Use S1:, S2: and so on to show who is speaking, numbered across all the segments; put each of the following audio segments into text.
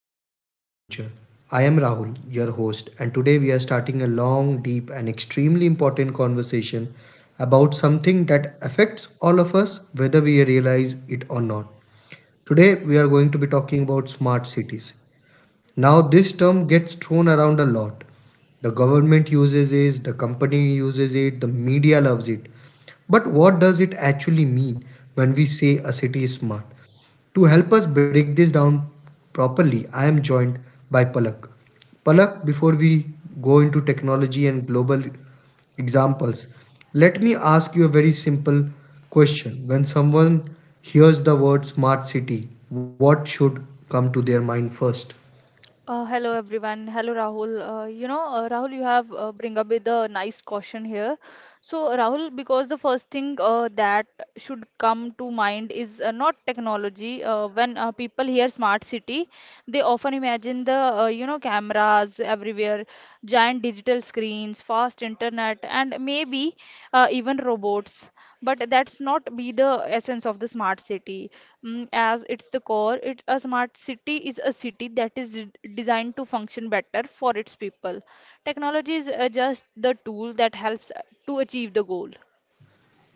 S1: back to Global Future. I am Rahul, your host, and today we are starting a long, deep, and extremely important conversation about something that affects all of us, whether we realize it or not. Today, we are going to be talking about smart cities. Now, this term gets thrown around a lot. The government uses it, the company uses it, the media loves it. But what does it actually mean when we say a city is smart? To help us break this down properly, I am joined by Palak. Palak, before we go into technology and global examples, let me ask you a very simple question. When someone hears the word smart city, what should come to their mind first?
S2: Hello everyone. Hello Rahul. Rahul, you have bring up with a nice caution here. So Rahul, because the first thing that should come to mind is not technology. When people hear smart city, they often imagine the cameras everywhere, giant digital screens, fast internet, and maybe even robots. But that's not be the essence of the smart city as it's the core. It a smart city is a city that is designed to function better for its people. Technology is just the tool that helps to achieve the goal.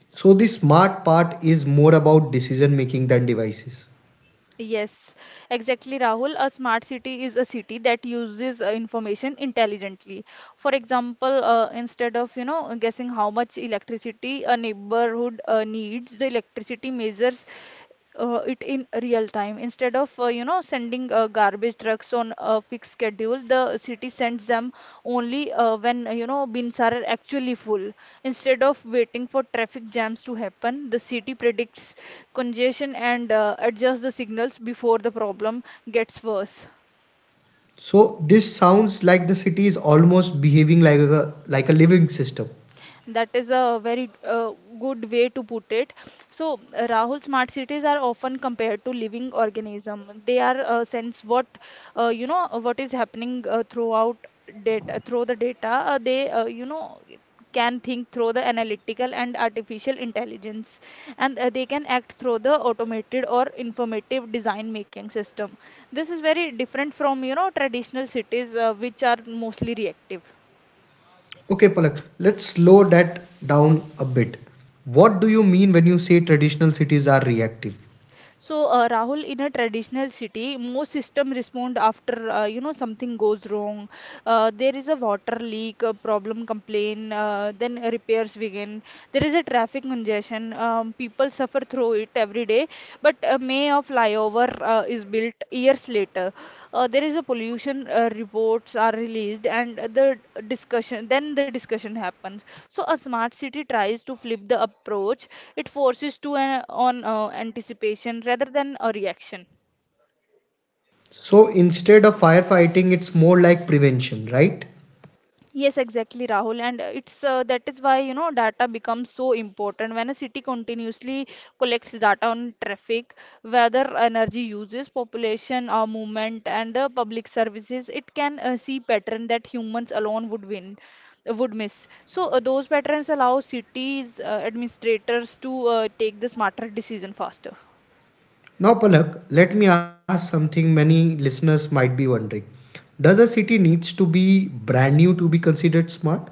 S1: So, the smart part is more about decision making than devices.
S2: Yes, exactly, Rahul. A smart city is a city that uses information intelligently. For example, instead of, you know, guessing how much electricity a neighborhood needs, the electricity measures it in real time. Instead of, sending garbage trucks on a fixed schedule, the city sends them only when, bins are actually full. Instead of waiting for traffic jams to happen, the city predicts congestion and adjust the signals before the problem gets worse.
S1: So, this sounds like the city is almost behaving like a living system.
S2: That is a very good way to put it. So, Rahul, smart cities are often compared to living organism. They are sense what what is happening through the data. They can think through the analytical and artificial intelligence, and they can act through the automated or informative design making system. This is very different from you know traditional cities which are mostly reactive.
S1: Okay, Palak, let's slow that down a bit. What do you mean when you say traditional cities are reactive?
S2: So, Rahul, in a traditional city, most system respond after something goes wrong. There is a water leak, a problem complaint. Then repairs begin. There is a traffic congestion. People suffer through it every day. But a may of flyover is built years later. There is a pollution reports are released, and the discussion happens. So a smart city tries to flip the approach. It forces to an, on anticipation rather than a reaction.
S1: So instead of firefighting, it's more like prevention, right?
S2: Yes, exactly, Rahul. And it's that is why you know data becomes so important when a city continuously collects data on traffic, weather, energy uses, population, or movement, and the public services. It can see pattern that humans alone would miss. So those patterns allow cities administrators to take the smarter decision faster.
S1: Now, Palak, let me ask something many listeners might be wondering. Does a city needs to be brand new to be considered smart?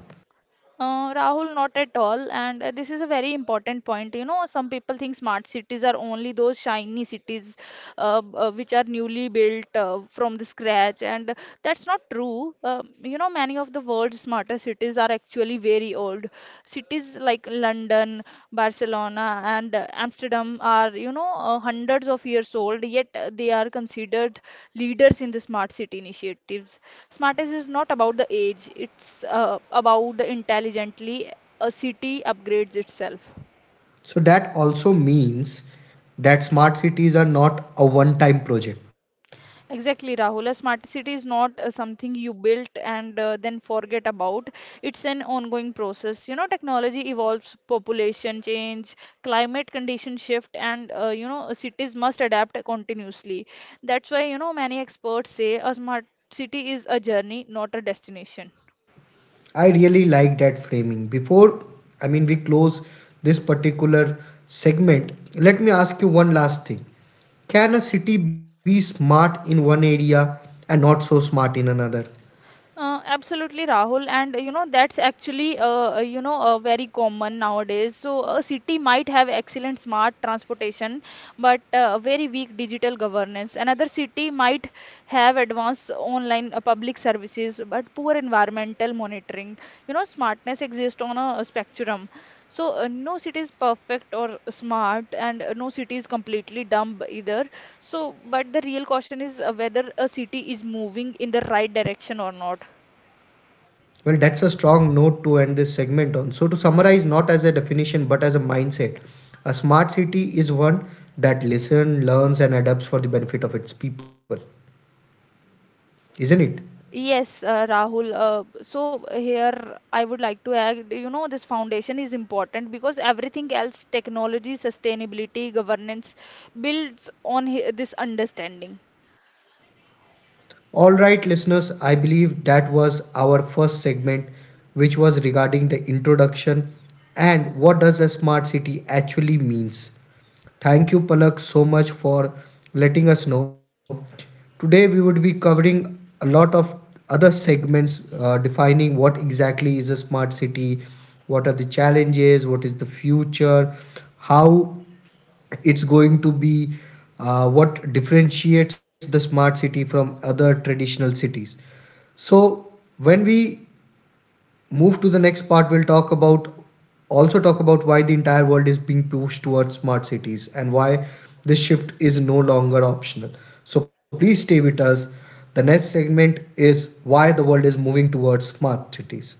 S2: Rahul, not at all. And this is a very important point. You know, some people think smart cities are only those shiny cities which are newly built from the scratch, and that's not true. You know, many of the world's smarter cities are actually very old. Cities like London, Barcelona, and Amsterdam are, you know, hundreds of years old, yet they are considered leaders in the smart city initiative. Smartest is not about the age, it's about the intelligently a city upgrades itself.
S1: So that also means that smart cities are not a one time project.
S2: Exactly, Rahul. A smart city is not something you built and then forget about. It's an ongoing process. You know, technology evolves, population change, climate condition shift, and cities must adapt continuously. That's why, you know, many experts say a smart city is a journey, not a destination.
S1: I really like that framing. Before, I mean, we close this particular segment, let me ask you one last thing. Can a city be smart in one area and not so smart in another?
S2: Absolutely, Rahul. And you know, that's actually, you know, very common nowadays. So, a city might have excellent smart transportation, but very weak digital governance. Another city might have advanced online public services, but poor environmental monitoring. You know, smartness exists on a spectrum. So, no city is perfect or smart, and no city is completely dumb either. So, but the real question is whether a city is moving in the right direction or not.
S1: Well, that's a strong note to end this segment on. So, to summarize, not as a definition but as a mindset, a smart city is one that listens, learns, and adapts for the benefit of its people, isn't it?
S2: Yes, Rahul. So here I would like to add, you know, this foundation is important because everything else, technology, sustainability, governance, builds on this understanding.
S1: All right, listeners, I believe that was our first segment, which was regarding the introduction and what does a smart city actually means. Thank you, Palak, so much for letting us know. Today, we would be covering a lot of other segments defining what exactly is a smart city, what are the challenges, what is the future, how it's going to be, what differentiates the smart city from other traditional cities. So when we move to the next part, we'll talk about also talk about why the entire world is being pushed towards smart cities and why this shift is no longer optional. So please stay with us. The next segment is why the world is moving towards smart cities.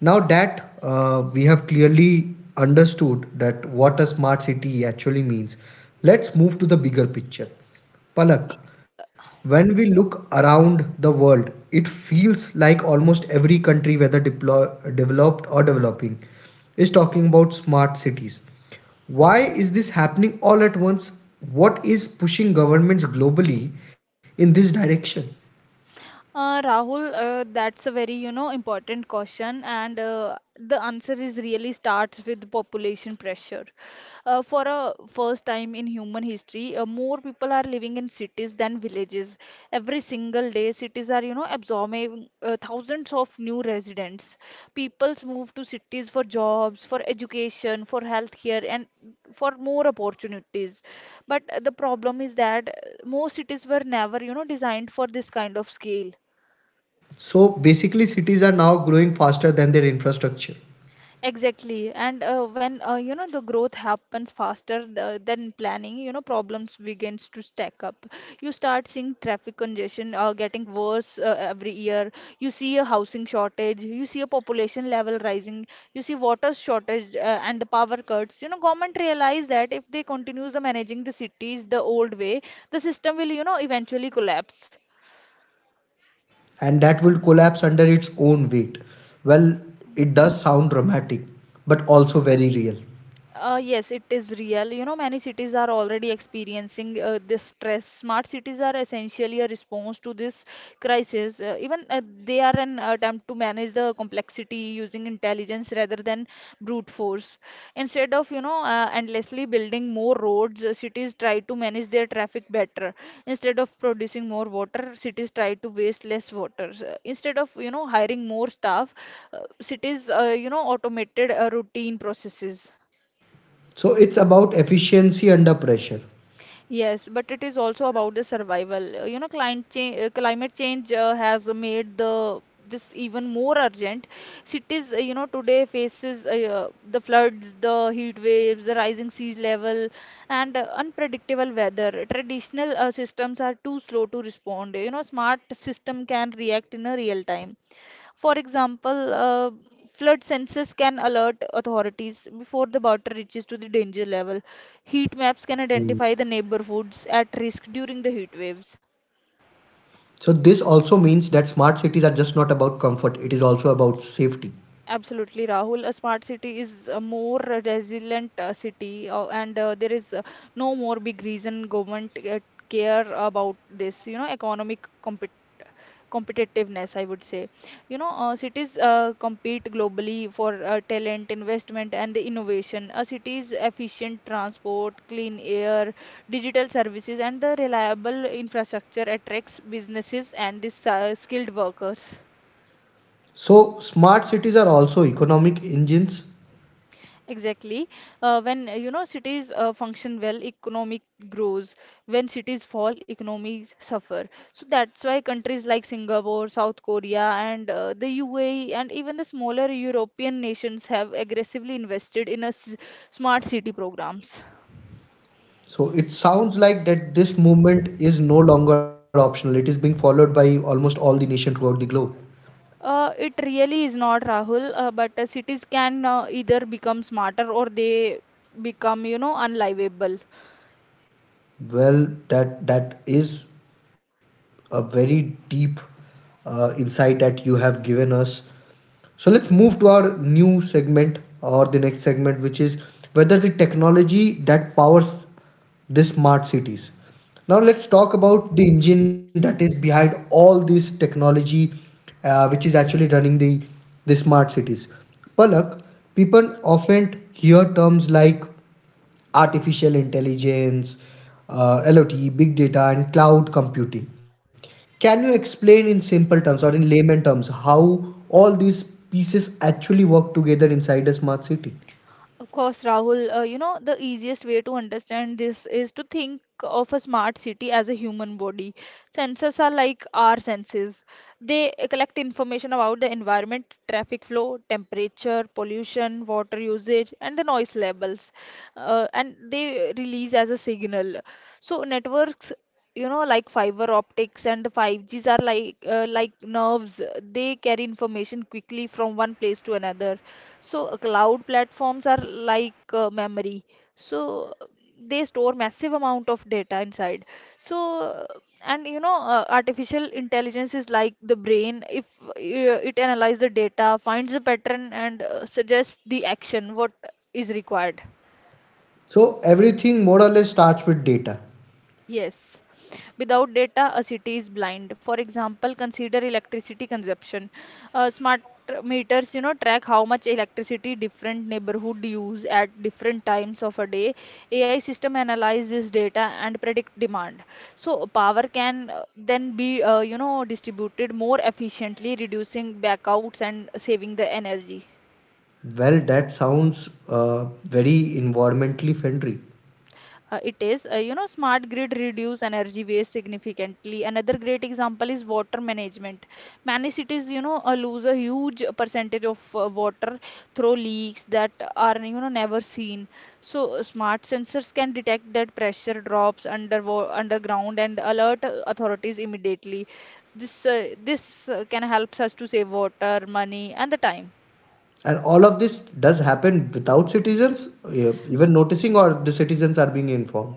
S1: Now that we have clearly understood that what a smart city actually means, let's move to the bigger picture. Palak, when we look around the world, it feels like almost every country, whether developed or developing, is talking about smart cities. Why is this happening all at once? What is pushing governments globally in this direction?
S2: Rahul, that's a very, you know, important question, and the answer is really starts with population pressure. For a first time in human history, more people are living in cities than villages. Every single day, cities are, you know, absorbing thousands of new residents. People's move to cities for jobs, for education, for healthcare, and for more opportunities. But the problem is that most cities were never, you know, designed for this kind of scale.
S1: So basically, cities are now growing faster than their infrastructure,
S2: Exactly. And when the growth happens faster than planning, you know problems begins to stack up. You start seeing traffic congestion getting worse every year. You see a housing shortage. You see a population level rising. You see water shortage and the power cuts. You know government realize that if they continues the managing the cities the old way, the system will you know eventually collapse.
S1: and that will collapse under its own weight. Well, it does sound dramatic, but also very real.
S2: Yes, it is real. You know, many cities are already experiencing this stress. Smart cities are essentially a response to this crisis. Even they are an attempt to manage the complexity using intelligence rather than brute force. Instead of, endlessly building more roads, cities try to manage their traffic better. Instead of producing more water, cities try to waste less water. Instead of, you know, hiring more staff, cities, automated routine processes.
S1: So it's about efficiency under pressure.
S2: Yes, but it is also about the survival. You know, climate change has made the this even more urgent. Cities, today faces the floods, the heat waves, the rising sea level, and unpredictable weather. Traditional systems are too slow to respond. You know, smart system can react in a real time. For example, flood sensors can alert authorities before the water reaches to the danger level. Heat maps can identify the neighborhoods at risk during the heat waves.
S1: So this also means that smart cities are just not about comfort, it is also about safety.
S2: Absolutely, Rahul. A smart city is a more resilient city, and there is no more big reason government care about this. You know, economic competitiveness, I would say. You know, cities compete globally for talent, investment, and innovation. A city's efficient transport, clean air, digital services, and the reliable infrastructure attracts businesses and the skilled workers.
S1: So smart cities are also economic engines.
S2: Exactly. When cities function well, economic grows. When cities fall, economies suffer. So that's why countries like Singapore, South Korea, and the UAE, and even the smaller European nations have aggressively invested in a s smart city programs.
S1: So it sounds like that this movement is no longer optional. It is being followed by almost all the nation throughout the globe.
S2: It really is not Rahul, but cities can either become smarter or they become, you know, unlivable.
S1: Well, that is a very deep insight that you have given us. So let's move to our new segment or the next segment, which is whether the technology that powers the smart cities. Now let's talk about the engine that is behind all this technology, which is actually running the smart cities. Palak, people often hear terms like artificial intelligence, LOT, big data, and cloud computing. Can you explain in simple terms or in layman terms how all these pieces actually work together inside a smart city?
S2: Of course, Rahul, the easiest way to understand this is to think of a smart city as a human body. Sensors are like our senses. They collect information about the environment, traffic flow, temperature, pollution, water usage, and the noise levels. And they release as a signal. So networks you know like fiber optics and 5Gs are like nerves, they carry information quickly from one place to another. So cloud platforms are like memory. So they store massive amount of data inside. So uh, and you know uh, artificial intelligence is like the brain. If it analyzes the data, finds the pattern, and suggests the action what is required.
S1: So everything more or less starts with data.
S2: Yes, without data, a city is blind. For example, consider electricity consumption. Smart meters, you know, track how much electricity different neighborhood use at different times of a day. AI system analyze this data and predict demand. So power can then be, distributed more efficiently, reducing blackouts and saving the energy.
S1: Well, that sounds very environmentally friendly.
S2: It is, you know, smart grid reduce energy waste significantly. Another great example is water management. Many cities, lose a huge percentage of water through leaks that are, you know, never seen. So smart sensors can detect that pressure drops underground and alert authorities immediately. This can helps us to save water, money, and the time.
S1: And all of this does happen without citizens even noticing, or the citizens are being informed.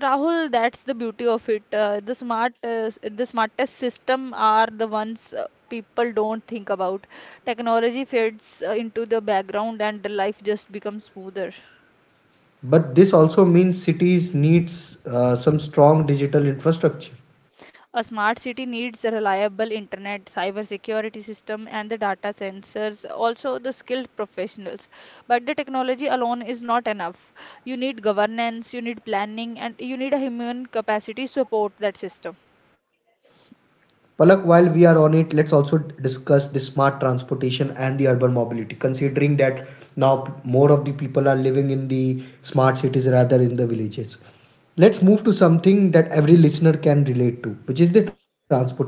S2: Rahul, that's the beauty of it. The smartest system are the ones people don't think about. Technology fades into the background, and the life just becomes smoother.
S1: But this also means cities needs some strong digital infrastructure.
S2: A smart city needs a reliable internet, cybersecurity system, and the data sensors, also the skilled professionals. But the technology alone is not enough. You need governance, you need planning, and you need a human capacity to support that system.
S1: Palak, while we are on it, let's also discuss the smart transportation and the urban mobility. Considering that now more of the people are living in the smart cities rather in the villages, let's move to something that every listener can relate to, which is the transportation.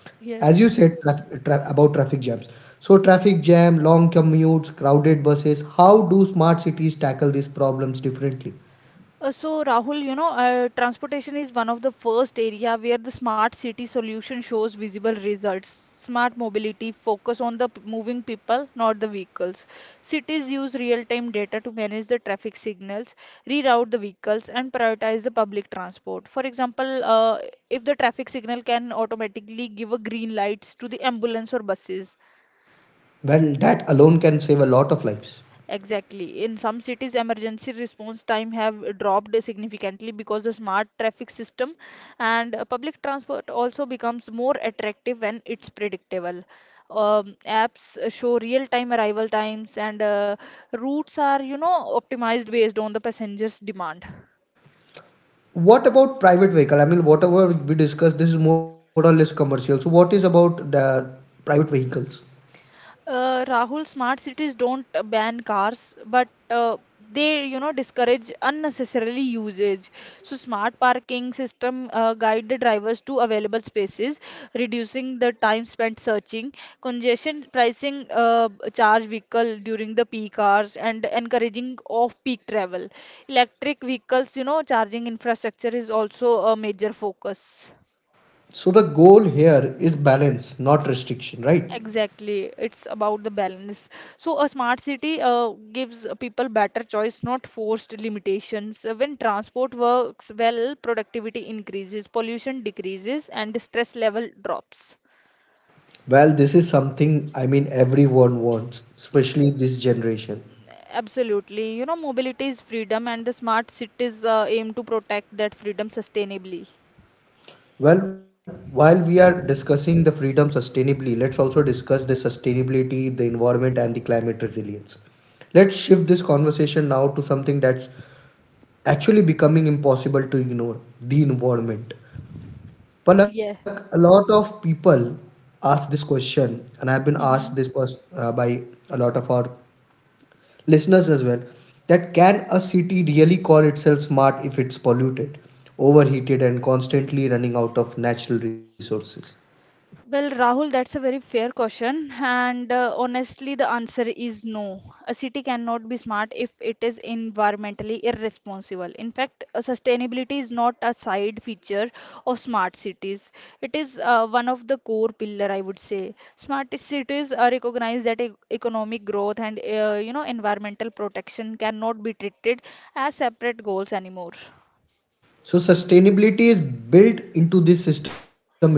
S1: As you said
S2: Yes.
S1: about traffic jams, so traffic jam, long commutes, crowded buses. How do smart cities tackle these problems differently?
S2: So Rahul, transportation is one of the first area where the smart city solution shows visible results. Smart mobility focus on the moving people, not the vehicles. Cities use real-time data to manage the traffic signals, reroute the vehicles, and prioritize the public transport. For example, if the traffic signal can automatically give a green lights to the ambulance or buses.
S1: Well, that alone can save a lot of lives.
S2: Exactly. In some cities, emergency response time have dropped significantly because the smart traffic system and public transport also becomes more attractive when it's predictable. Apps show real-time arrival times and routes are, optimized based on the passenger's demand.
S1: What about private vehicle? I mean, whatever we discussed, this is more or less commercial. So, what is about the private vehicles?
S2: Rahul, smart cities don't ban cars, but they, discourage unnecessarily usage. So smart parking system guide the drivers to available spaces, reducing the time spent searching. Congestion pricing charge vehicle during the peak hours and encouraging off-peak travel. Electric vehicles, charging infrastructure is also a major focus.
S1: So, the goal here is balance, not restriction, right?
S2: Exactly, it's about the balance. So, a smart city gives people better choice, not forced limitations. When transport works well, productivity increases, pollution decreases, and the stress level drops.
S1: Well, this is something I mean everyone wants, especially this generation.
S2: Absolutely. You know, mobility is freedom, and the smart cities aim to protect that freedom sustainably.
S1: Well, while we are discussing the freedom sustainably, let's also discuss the sustainability, the environment, and the climate resilience. Let's shift this conversation now to something that's actually becoming impossible to ignore, the environment. Palak, a
S2: Yeah.
S1: lot of people ask this question, and I have been asked this
S2: Hmm.
S1: by a lot of our listeners as well, that can a city really call itself smart if it's polluted, overheated, and constantly running out of natural resources?
S2: Well, Rahul, that's a very fair question. And honestly, the answer is no. A city cannot be smart if it is environmentally irresponsible. In fact, sustainability is not a side feature of smart cities. It is one of the core pillar, I would say. Smart cities recognize that economic growth and you know environmental protection cannot be treated as separate goals anymore.
S1: So, sustainability is built into this system itself.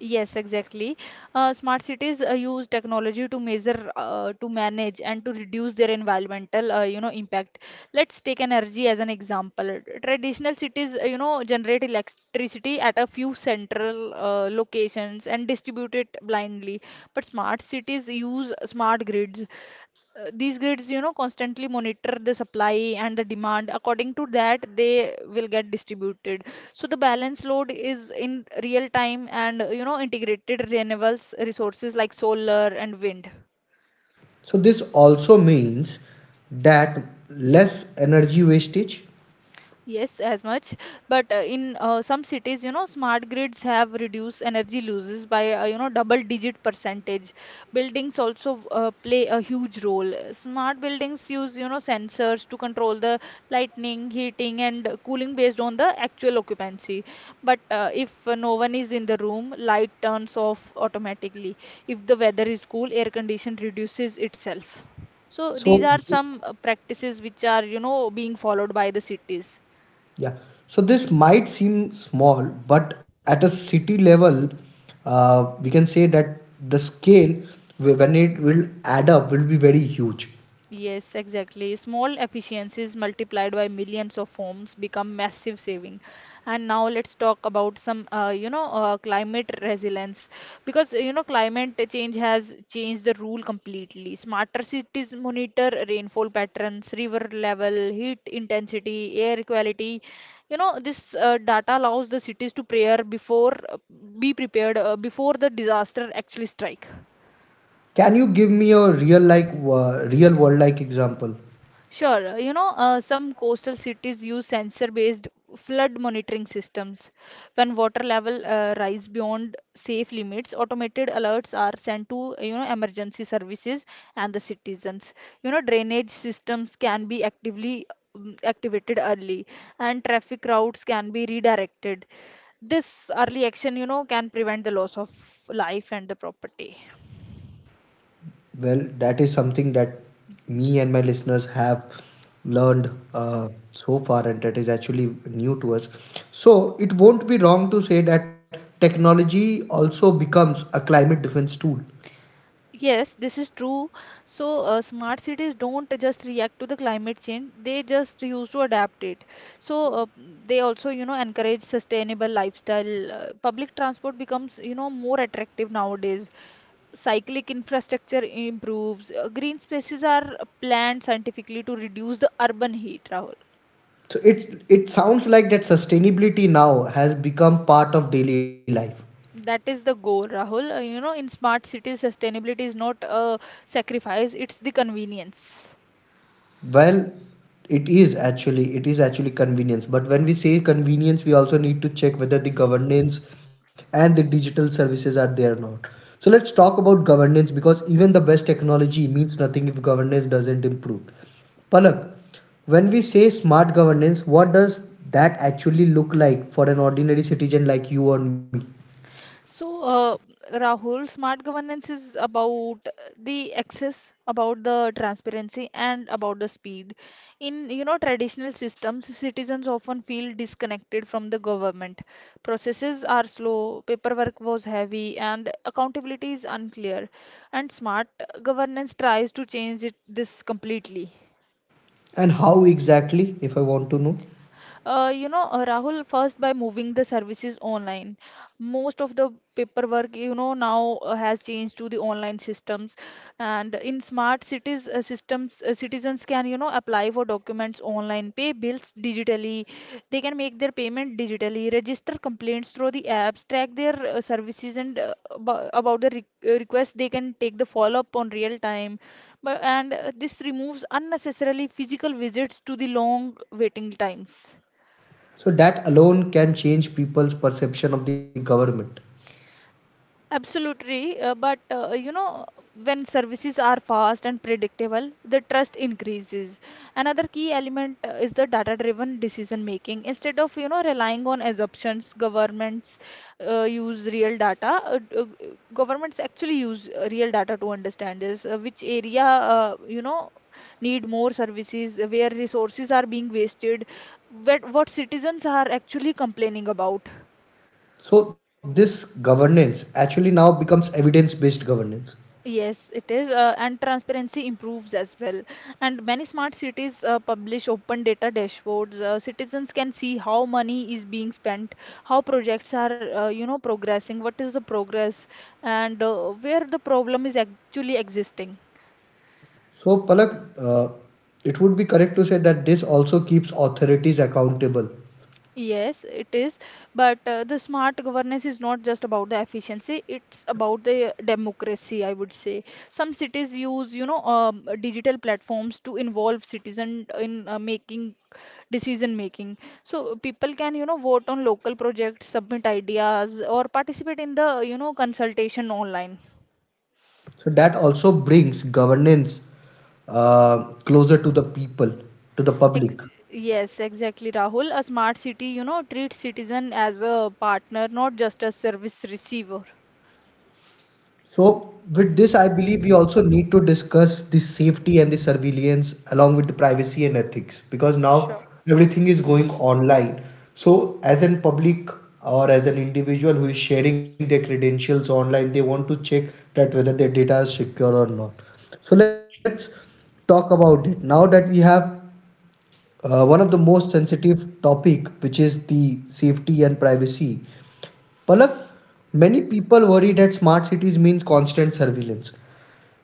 S2: Yes, exactly. Smart cities use technology to measure, to manage, and to reduce their environmental, impact. Let's take energy as an example. Traditional cities, you know, generate electricity at a few central locations and distribute it blindly. But smart cities use smart grids, these grids you know constantly monitor the supply and the demand according to that they will get distributed so the balance load is in real time and you know integrated renewables resources like solar and wind.
S1: So, this also means that less energy wastage.
S2: Yes, as much, but in some cities, you know, smart grids have reduced energy losses by you know double digit percentage. Buildings also play a huge role. Smart buildings use you know sensors to control the lighting, heating, and cooling based on the actual occupancy. But if no one is in the room, light turns off automatically. If the weather is cool, air condition reduces itself. So these
S1: So,
S2: are
S1: th-
S2: some practices which are, being followed by the cities.
S1: yeah. So this might seem small, but at a city level, we can say that the scale, when it will add up, will be very huge.
S2: Yes, exactly. Small efficiencies multiplied by millions of homes become massive saving. And now let's talk about some, climate resilience because you know climate change has changed the rule completely. Smarter cities monitor rainfall patterns, river level, heat intensity, air quality. You know, this data allows the cities to prepare before, be prepared before the disaster actually strike.
S1: Can you give me a real, like, real world like example?
S2: Sure, you know, some coastal cities use sensor-based flood monitoring systems. When water level rise beyond safe limits, automated alerts are sent to, emergency services and the citizens. You know, drainage systems can be actively activated early, and traffic routes can be redirected. This early action, can prevent the loss of life and the property.
S1: Well, that is something that me and my listeners have learned so far, and that is actually new to us. So it won't be wrong to say that technology also becomes a climate defense tool.
S2: Yes, this is true. So, smart cities don't just react to the climate change, they just use to adapt it. So, they also, encourage sustainable lifestyle. Public transport becomes, more attractive nowadays. Cyclic infrastructure improves. Green spaces are planned scientifically to reduce the urban heat, Rahul.
S1: So it sounds like that sustainability now has become part of daily life.
S2: That is the goal, Rahul. You know, in smart cities, sustainability is not a sacrifice, it's the convenience.
S1: Well, it is actually convenience. But when we say convenience, we also need to check whether the governance and the digital services are there or not. So let's talk about governance because even the best technology means nothing if governance doesn't improve. Palak, when we say smart governance, what does that actually look like for an ordinary citizen like you or me?
S2: So, Rahul, smart governance is about the access, about the transparency, and about the speed. In, traditional systems, citizens often feel disconnected from the government. Processes are slow, paperwork was heavy, and accountability is unclear. And smart governance tries to change it, this completely.
S1: And how exactly, if I want to know?
S2: Rahul, first by moving the services online. Most of the paperwork, now has changed to the online systems. And in smart cities, systems, citizens can, apply for documents online, pay bills digitally. They can make their payment digitally, register complaints through the apps, track their services, and abo- about the re request, they can take the follow-up on real time. But and this removes unnecessarily physical visits to the long waiting times.
S1: So that alone can change people's perception of the government.
S2: Absolutely, but when services are fast and predictable, the trust increases. Another key element is the data-driven decision making. Instead of, relying on assumptions, governments use real data. Governments actually use real data to understand this, which area, need more services, where resources are being wasted, what citizens are actually complaining about.
S1: So this governance actually now becomes evidence-based governance.
S2: Yes, it is, and transparency improves as well. And many smart cities publish open data dashboards. Citizens can see how money is being spent, how projects are, progressing, what is the progress, and where the problem is actually existing.
S1: So Palak, it would be correct to say that this also keeps authorities accountable.
S2: Yes, it is. But the smart governance is not just about the efficiency, it's about the democracy, I would say. Some cities use, you know, digital platforms to involve citizen in making decision making. So people can, vote on local projects, submit ideas, or participate in the, consultation online.
S1: So that also brings governance closer to the people, to the
S2: Ex
S1: public.
S2: yes, exactly, Rahul. A smart city, treats citizen as a partner, not just a service receiver.
S1: So, with this, I believe we also need to discuss the safety and the surveillance along with the privacy and ethics because now
S2: Sure.
S1: everything is going online. So, as an public or as an individual who is sharing their credentials online, they want to check that whether their data is secure or not. So, let's talk about it now that we have one of the most sensitive topic, which is the safety and privacy. Palak, many people worry that smart cities means constant surveillance.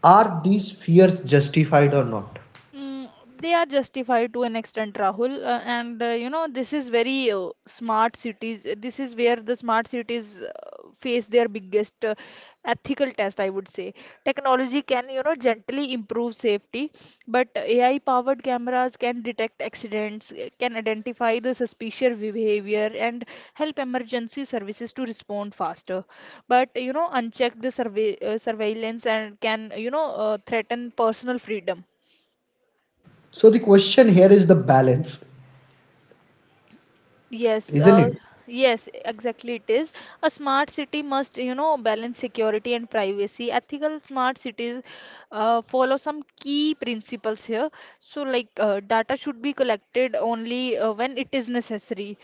S1: Are these fears justified or not?
S2: Mm, they are justified to an extent, Rahul. And you know, this is very smart cities. This is where the smart cities face their biggest ethical test, I would say. Technology can, gently improve safety, but AI-powered cameras can detect accidents, can identify the suspicious behavior, and help emergency services to respond faster. But you know, unchecked the survey surveillance and can, threaten personal freedom.
S1: So the question here is the balance,
S2: Yes,
S1: isn't
S2: uh,
S1: it?
S2: yes, exactly. It is A smart city must, balance security and privacy. Ethical smart cities follow some key principles here. So, like, data should be collected only when it is necessary.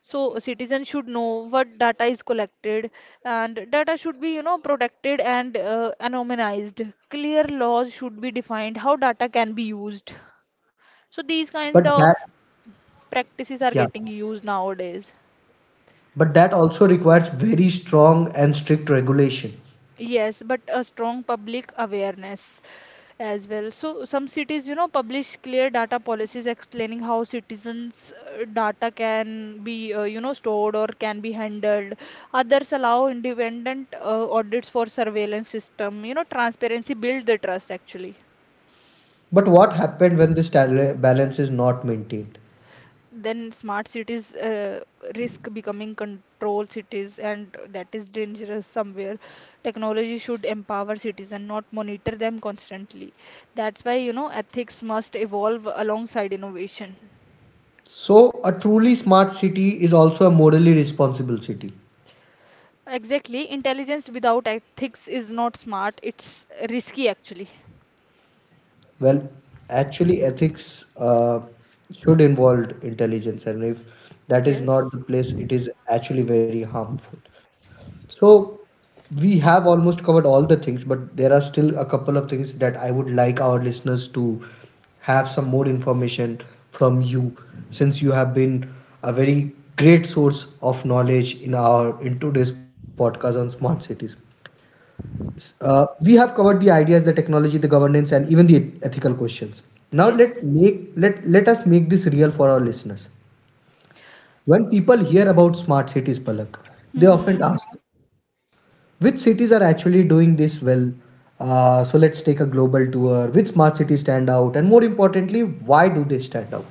S2: So, citizens should know what data is collected, and data should be, protected and anonymized. Clear laws should be defined how data can be used. So, these kind
S1: But that,
S2: of practices are
S1: yeah,
S2: getting used nowadays.
S1: but that also requires very strong and strict regulation.
S2: Yes, but a strong public awareness as well. So some cities, publish clear data policies explaining how citizens' data can be, stored or can be handled. Others allow independent audits for surveillance system. You know, transparency build the trust actually.
S1: But what happened when this balance is not maintained?
S2: Then smart cities risk becoming control cities, and that is dangerous somewhere. Technology should empower citizens, not monitor them constantly. That's why, ethics must evolve alongside innovation.
S1: So a truly smart city is also a morally responsible city.
S2: Exactly, intelligence without ethics is not smart, it's risky actually.
S1: Well, actually, ethics should involve intelligence, and if that is
S2: Yes,
S1: not the place, it is actually very harmful. So, we have almost covered all the things, but there are still a couple of things that I would like our listeners to have some more information from you, since you have been a very great source of knowledge in our in today's podcast on smart cities. We have covered the ideas, the technology, the governance, and even the ethical questions. Now
S2: yes.
S1: let us make this real for our listeners. When people hear about smart cities, Palak, they
S2: Mm-hmm.
S1: often ask, which cities are actually doing this well? So let's take a global tour. Which smart cities stand out, and more importantly, why do they stand out?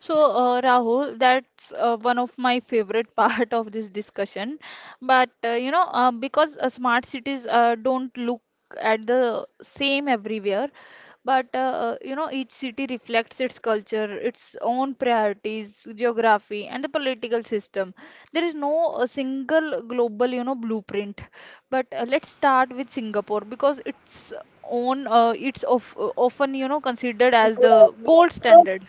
S2: So, Rahul, that's one of my favorite part of this discussion. But you know, because smart cities don't look at the same everywhere, but you know, each city reflects its culture, its own priorities, geography, and the political system. There is no single global, blueprint. But let's start with Singapore because it's of, often you know considered as the gold standard.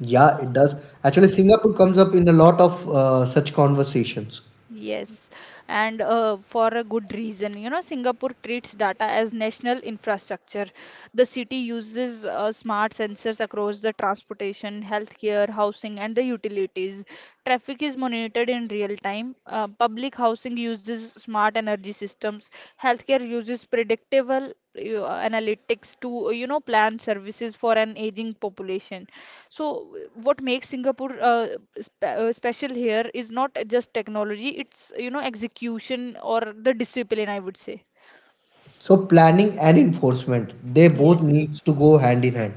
S1: Yeah, it does. Actually, Singapore comes up in a lot of such conversations.
S2: Yes, and for a good reason. You know, Singapore treats data as national infrastructure. The city uses smart sensors across the transportation, healthcare, housing, and the utilities. Traffic is monitored in real time. Public housing uses smart energy systems. Healthcare uses predictable analytics to, plan services for an aging population. So, what makes Singapore special here is not just technology, it's, execution or the discipline, I would say.
S1: So planning and enforcement, they
S2: Yeah.
S1: both needs to go hand in hand.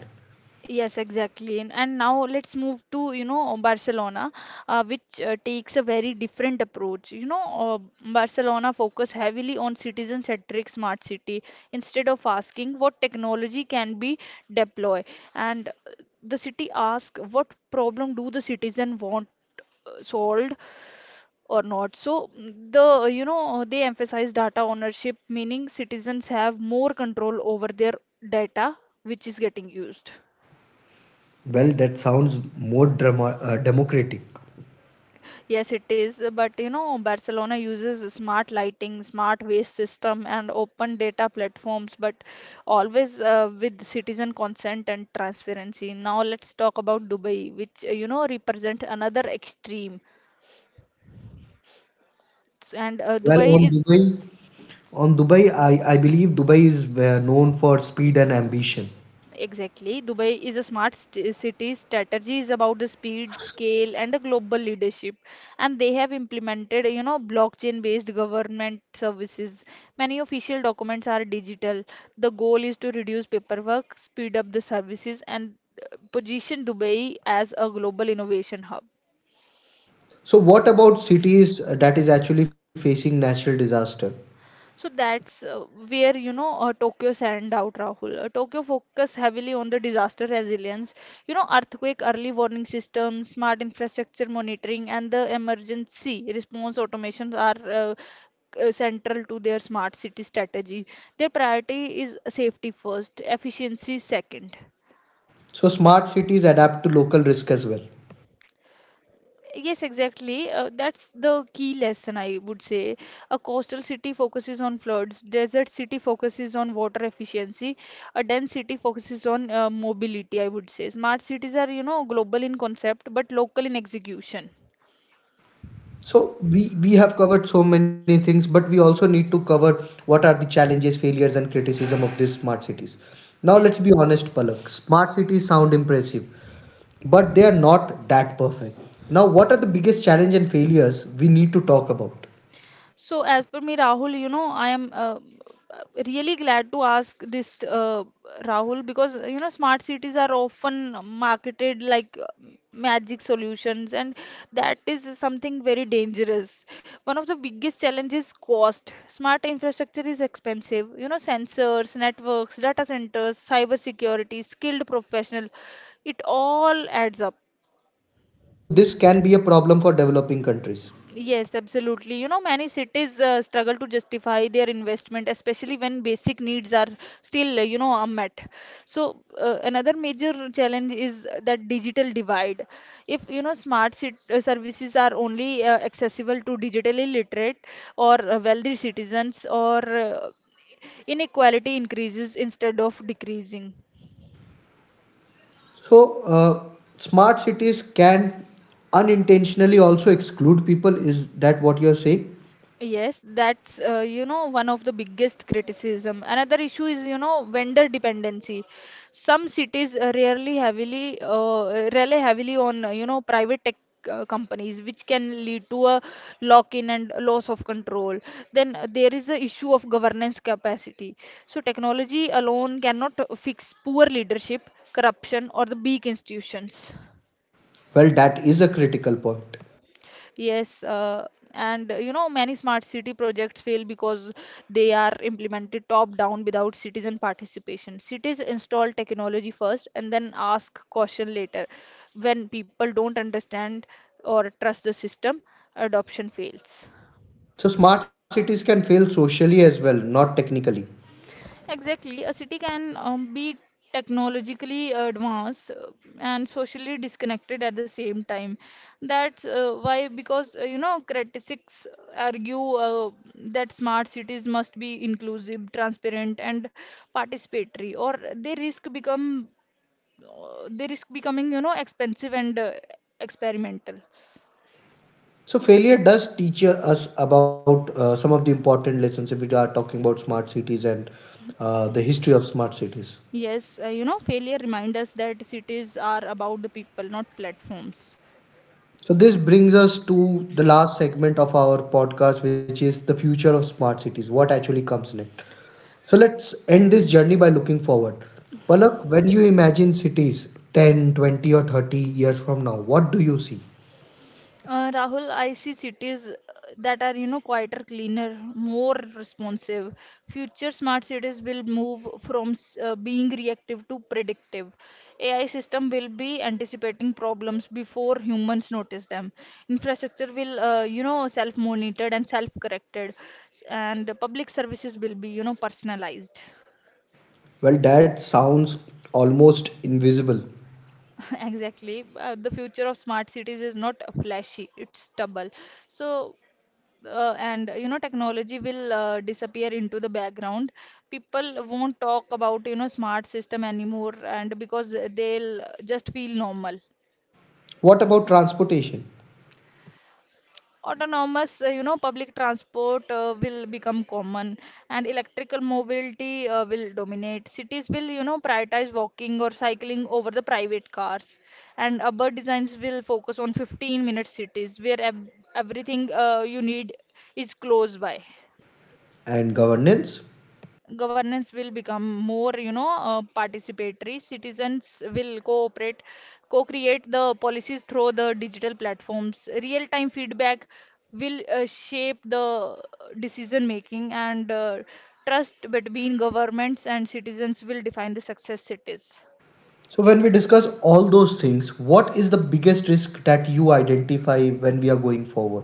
S2: Yes, exactly. And now let's move to, Barcelona, which takes a very different approach. You know, Barcelona focus heavily on citizen-centric smart city instead of asking what technology can be deploy. And the city asks what problem do the citizen want solved or not. So the you know they emphasize data ownership, meaning citizens have more control over their data which is getting used.
S1: Well, that sounds more democratic.
S2: Yes, it is, but you know Barcelona uses smart lighting, smart waste system, and open data platforms, but always with citizen consent and transparency. Now let's talk about Dubai, which you know represent another extreme. And
S1: Well,
S2: Dubai
S1: on
S2: is—
S1: Dubai, on Dubai, I believe Dubai is known for speed and ambition.
S2: Exactly. Dubai is a city. Strategy is about the speed, scale, and the global leadership. And they have implemented, blockchain-based government services. Many official documents are digital. The goal is to reduce paperwork, speed up the services, and position Dubai as a global innovation hub.
S1: So, what about cities that is actually facing natural disaster?
S2: So that's where Tokyo stand out, Rahul. Tokyo focus heavily on the disaster resilience, you know, earthquake early warning systems, smart infrastructure monitoring, and the emergency response automations are central to their smart city strategy. Their priority is safety first, efficiency second.
S1: So, smart cities adapt to local risk as well.
S2: Yes, exactly. That's the key lesson, I would say. A coastal city focuses on floods, desert city focuses on water efficiency, a dense city focuses on mobility, I would say. Smart cities are, you know, global in concept but local in execution.
S1: So, we have covered so many things, but we also need to cover what are the challenges, failures, and criticism of these smart cities. Now, let's
S2: Yes.
S1: be honest, Palak. Smart cities sound impressive, but they are not that perfect. Now, what are the biggest challenge and failures we need to talk about?
S2: So, as per me, Rahul, you know, I am really glad to ask this, Rahul, because you know, smart cities are often marketed like magic solutions, and that is something very dangerous. One of the biggest challenges cost. Smart infrastructure is expensive. You know, sensors, networks, data centers, cyber security, skilled professional, it all adds up.
S1: So, this can be a problem for developing countries.
S2: Yes, absolutely. You know, many cities struggle to justify their investment, especially when basic needs are still, you know, unmet. So, another major challenge is that digital divide. If, you know, smart cit services are only accessible to digitally literate or wealthy citizens, or inequality increases instead of decreasing.
S1: So, smart cities can unintentionally also exclude people. Is that what you're saying?
S2: Yes, that's you know one of the biggest criticism. Another issue is you know vendor dependency. Some cities rarely heavily rely heavily on you know private tech companies, which can lead to a lock-in and loss of control. Then there is the issue of governance capacity. So technology alone cannot fix poor leadership, corruption, or the weak institutions.
S1: Well, that is a critical point.
S2: Yes, and you know, many smart city projects fail because they are implemented top down without citizen participation. Cities install technology first and then ask caution later. When people don't understand or trust the system, adoption fails.
S1: So, smart cities can fail socially as well, not technically.
S2: Exactly. A city can be technologically advanced and socially disconnected at the same time. That's why, because You know, critics argue that smart cities must be inclusive, transparent, and participatory, or they risk becoming you know expensive and experimental.
S1: So, failure does teach us about some of the important lessons if we are talking about smart cities and the history of smart cities.
S2: Yes, you know, failure reminds us that cities are about the people, not platforms.
S1: So, this brings us to the last segment of our podcast, which is the future of smart cities, what actually comes next. So, let's end this journey by looking forward. Palak, when you imagine cities 10, 20, or 30 years from now, what do you see?
S2: Rahul, I see cities that are, you know, quieter, cleaner, more responsive. Future smart cities will move from being reactive to predictive. AI system will be anticipating problems before humans notice them. Infrastructure will, you know, self-monitored and self-corrected, and the public services will be, you know, personalized.
S1: Well, that sounds almost invisible.
S2: Exactly. The future of smart cities is not flashy, it's stubble. So and you know technology will disappear into the background, people won't talk about you know smart system anymore, and because they'll just feel normal.
S1: What about transportation
S2: Autonomous you know public transport will become common, and electrical mobility will dominate. Cities will you know prioritize walking or cycling over the private cars, and urban designs will focus on 15-minute cities where everything you need is close by.
S1: and governance?
S2: Governance will become more participatory. Citizens will cooperate, co-create the policies through the digital platforms. Real time feedback will shape the decision making, and trust between governments and citizens will define the success cities.
S1: So, when we discuss all those things, what is the biggest risk that you identify when we are going forward?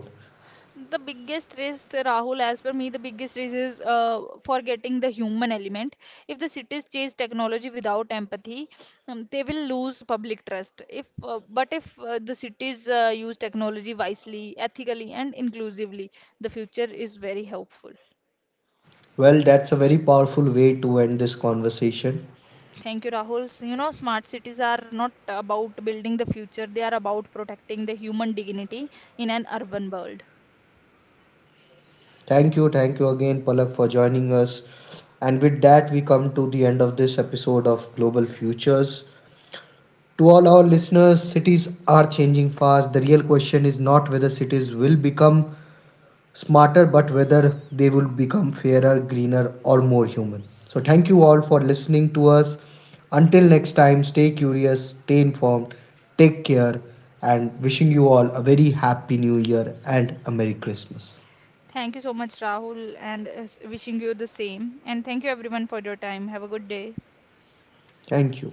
S2: The biggest risk, Rahul, as per me, the biggest risk is forgetting the human element. If the cities chase technology without empathy, they will lose public trust. If but if the cities use technology wisely, ethically, and inclusively, the future is very hopeful.
S1: Well, that's a very powerful way to end this conversation.
S2: Thank you, Rahul. So, you know, smart cities are not about building the future; they are about protecting the human dignity in an urban world.
S1: Thank you again, Palak, for joining us. And with that, we come to the end of this episode of Global Futures. To all our listeners, cities are changing fast. The real question is not whether cities will become smarter, but whether they will become fairer, greener, or more human. So, thank you all for listening to us. Until next time, stay curious, stay informed, take care, and wishing you all a very happy new year and a Merry Christmas.
S2: Thank you so much, Rahul, and wishing you the same. And thank you everyone for your time. Have a good day.
S1: Thank you.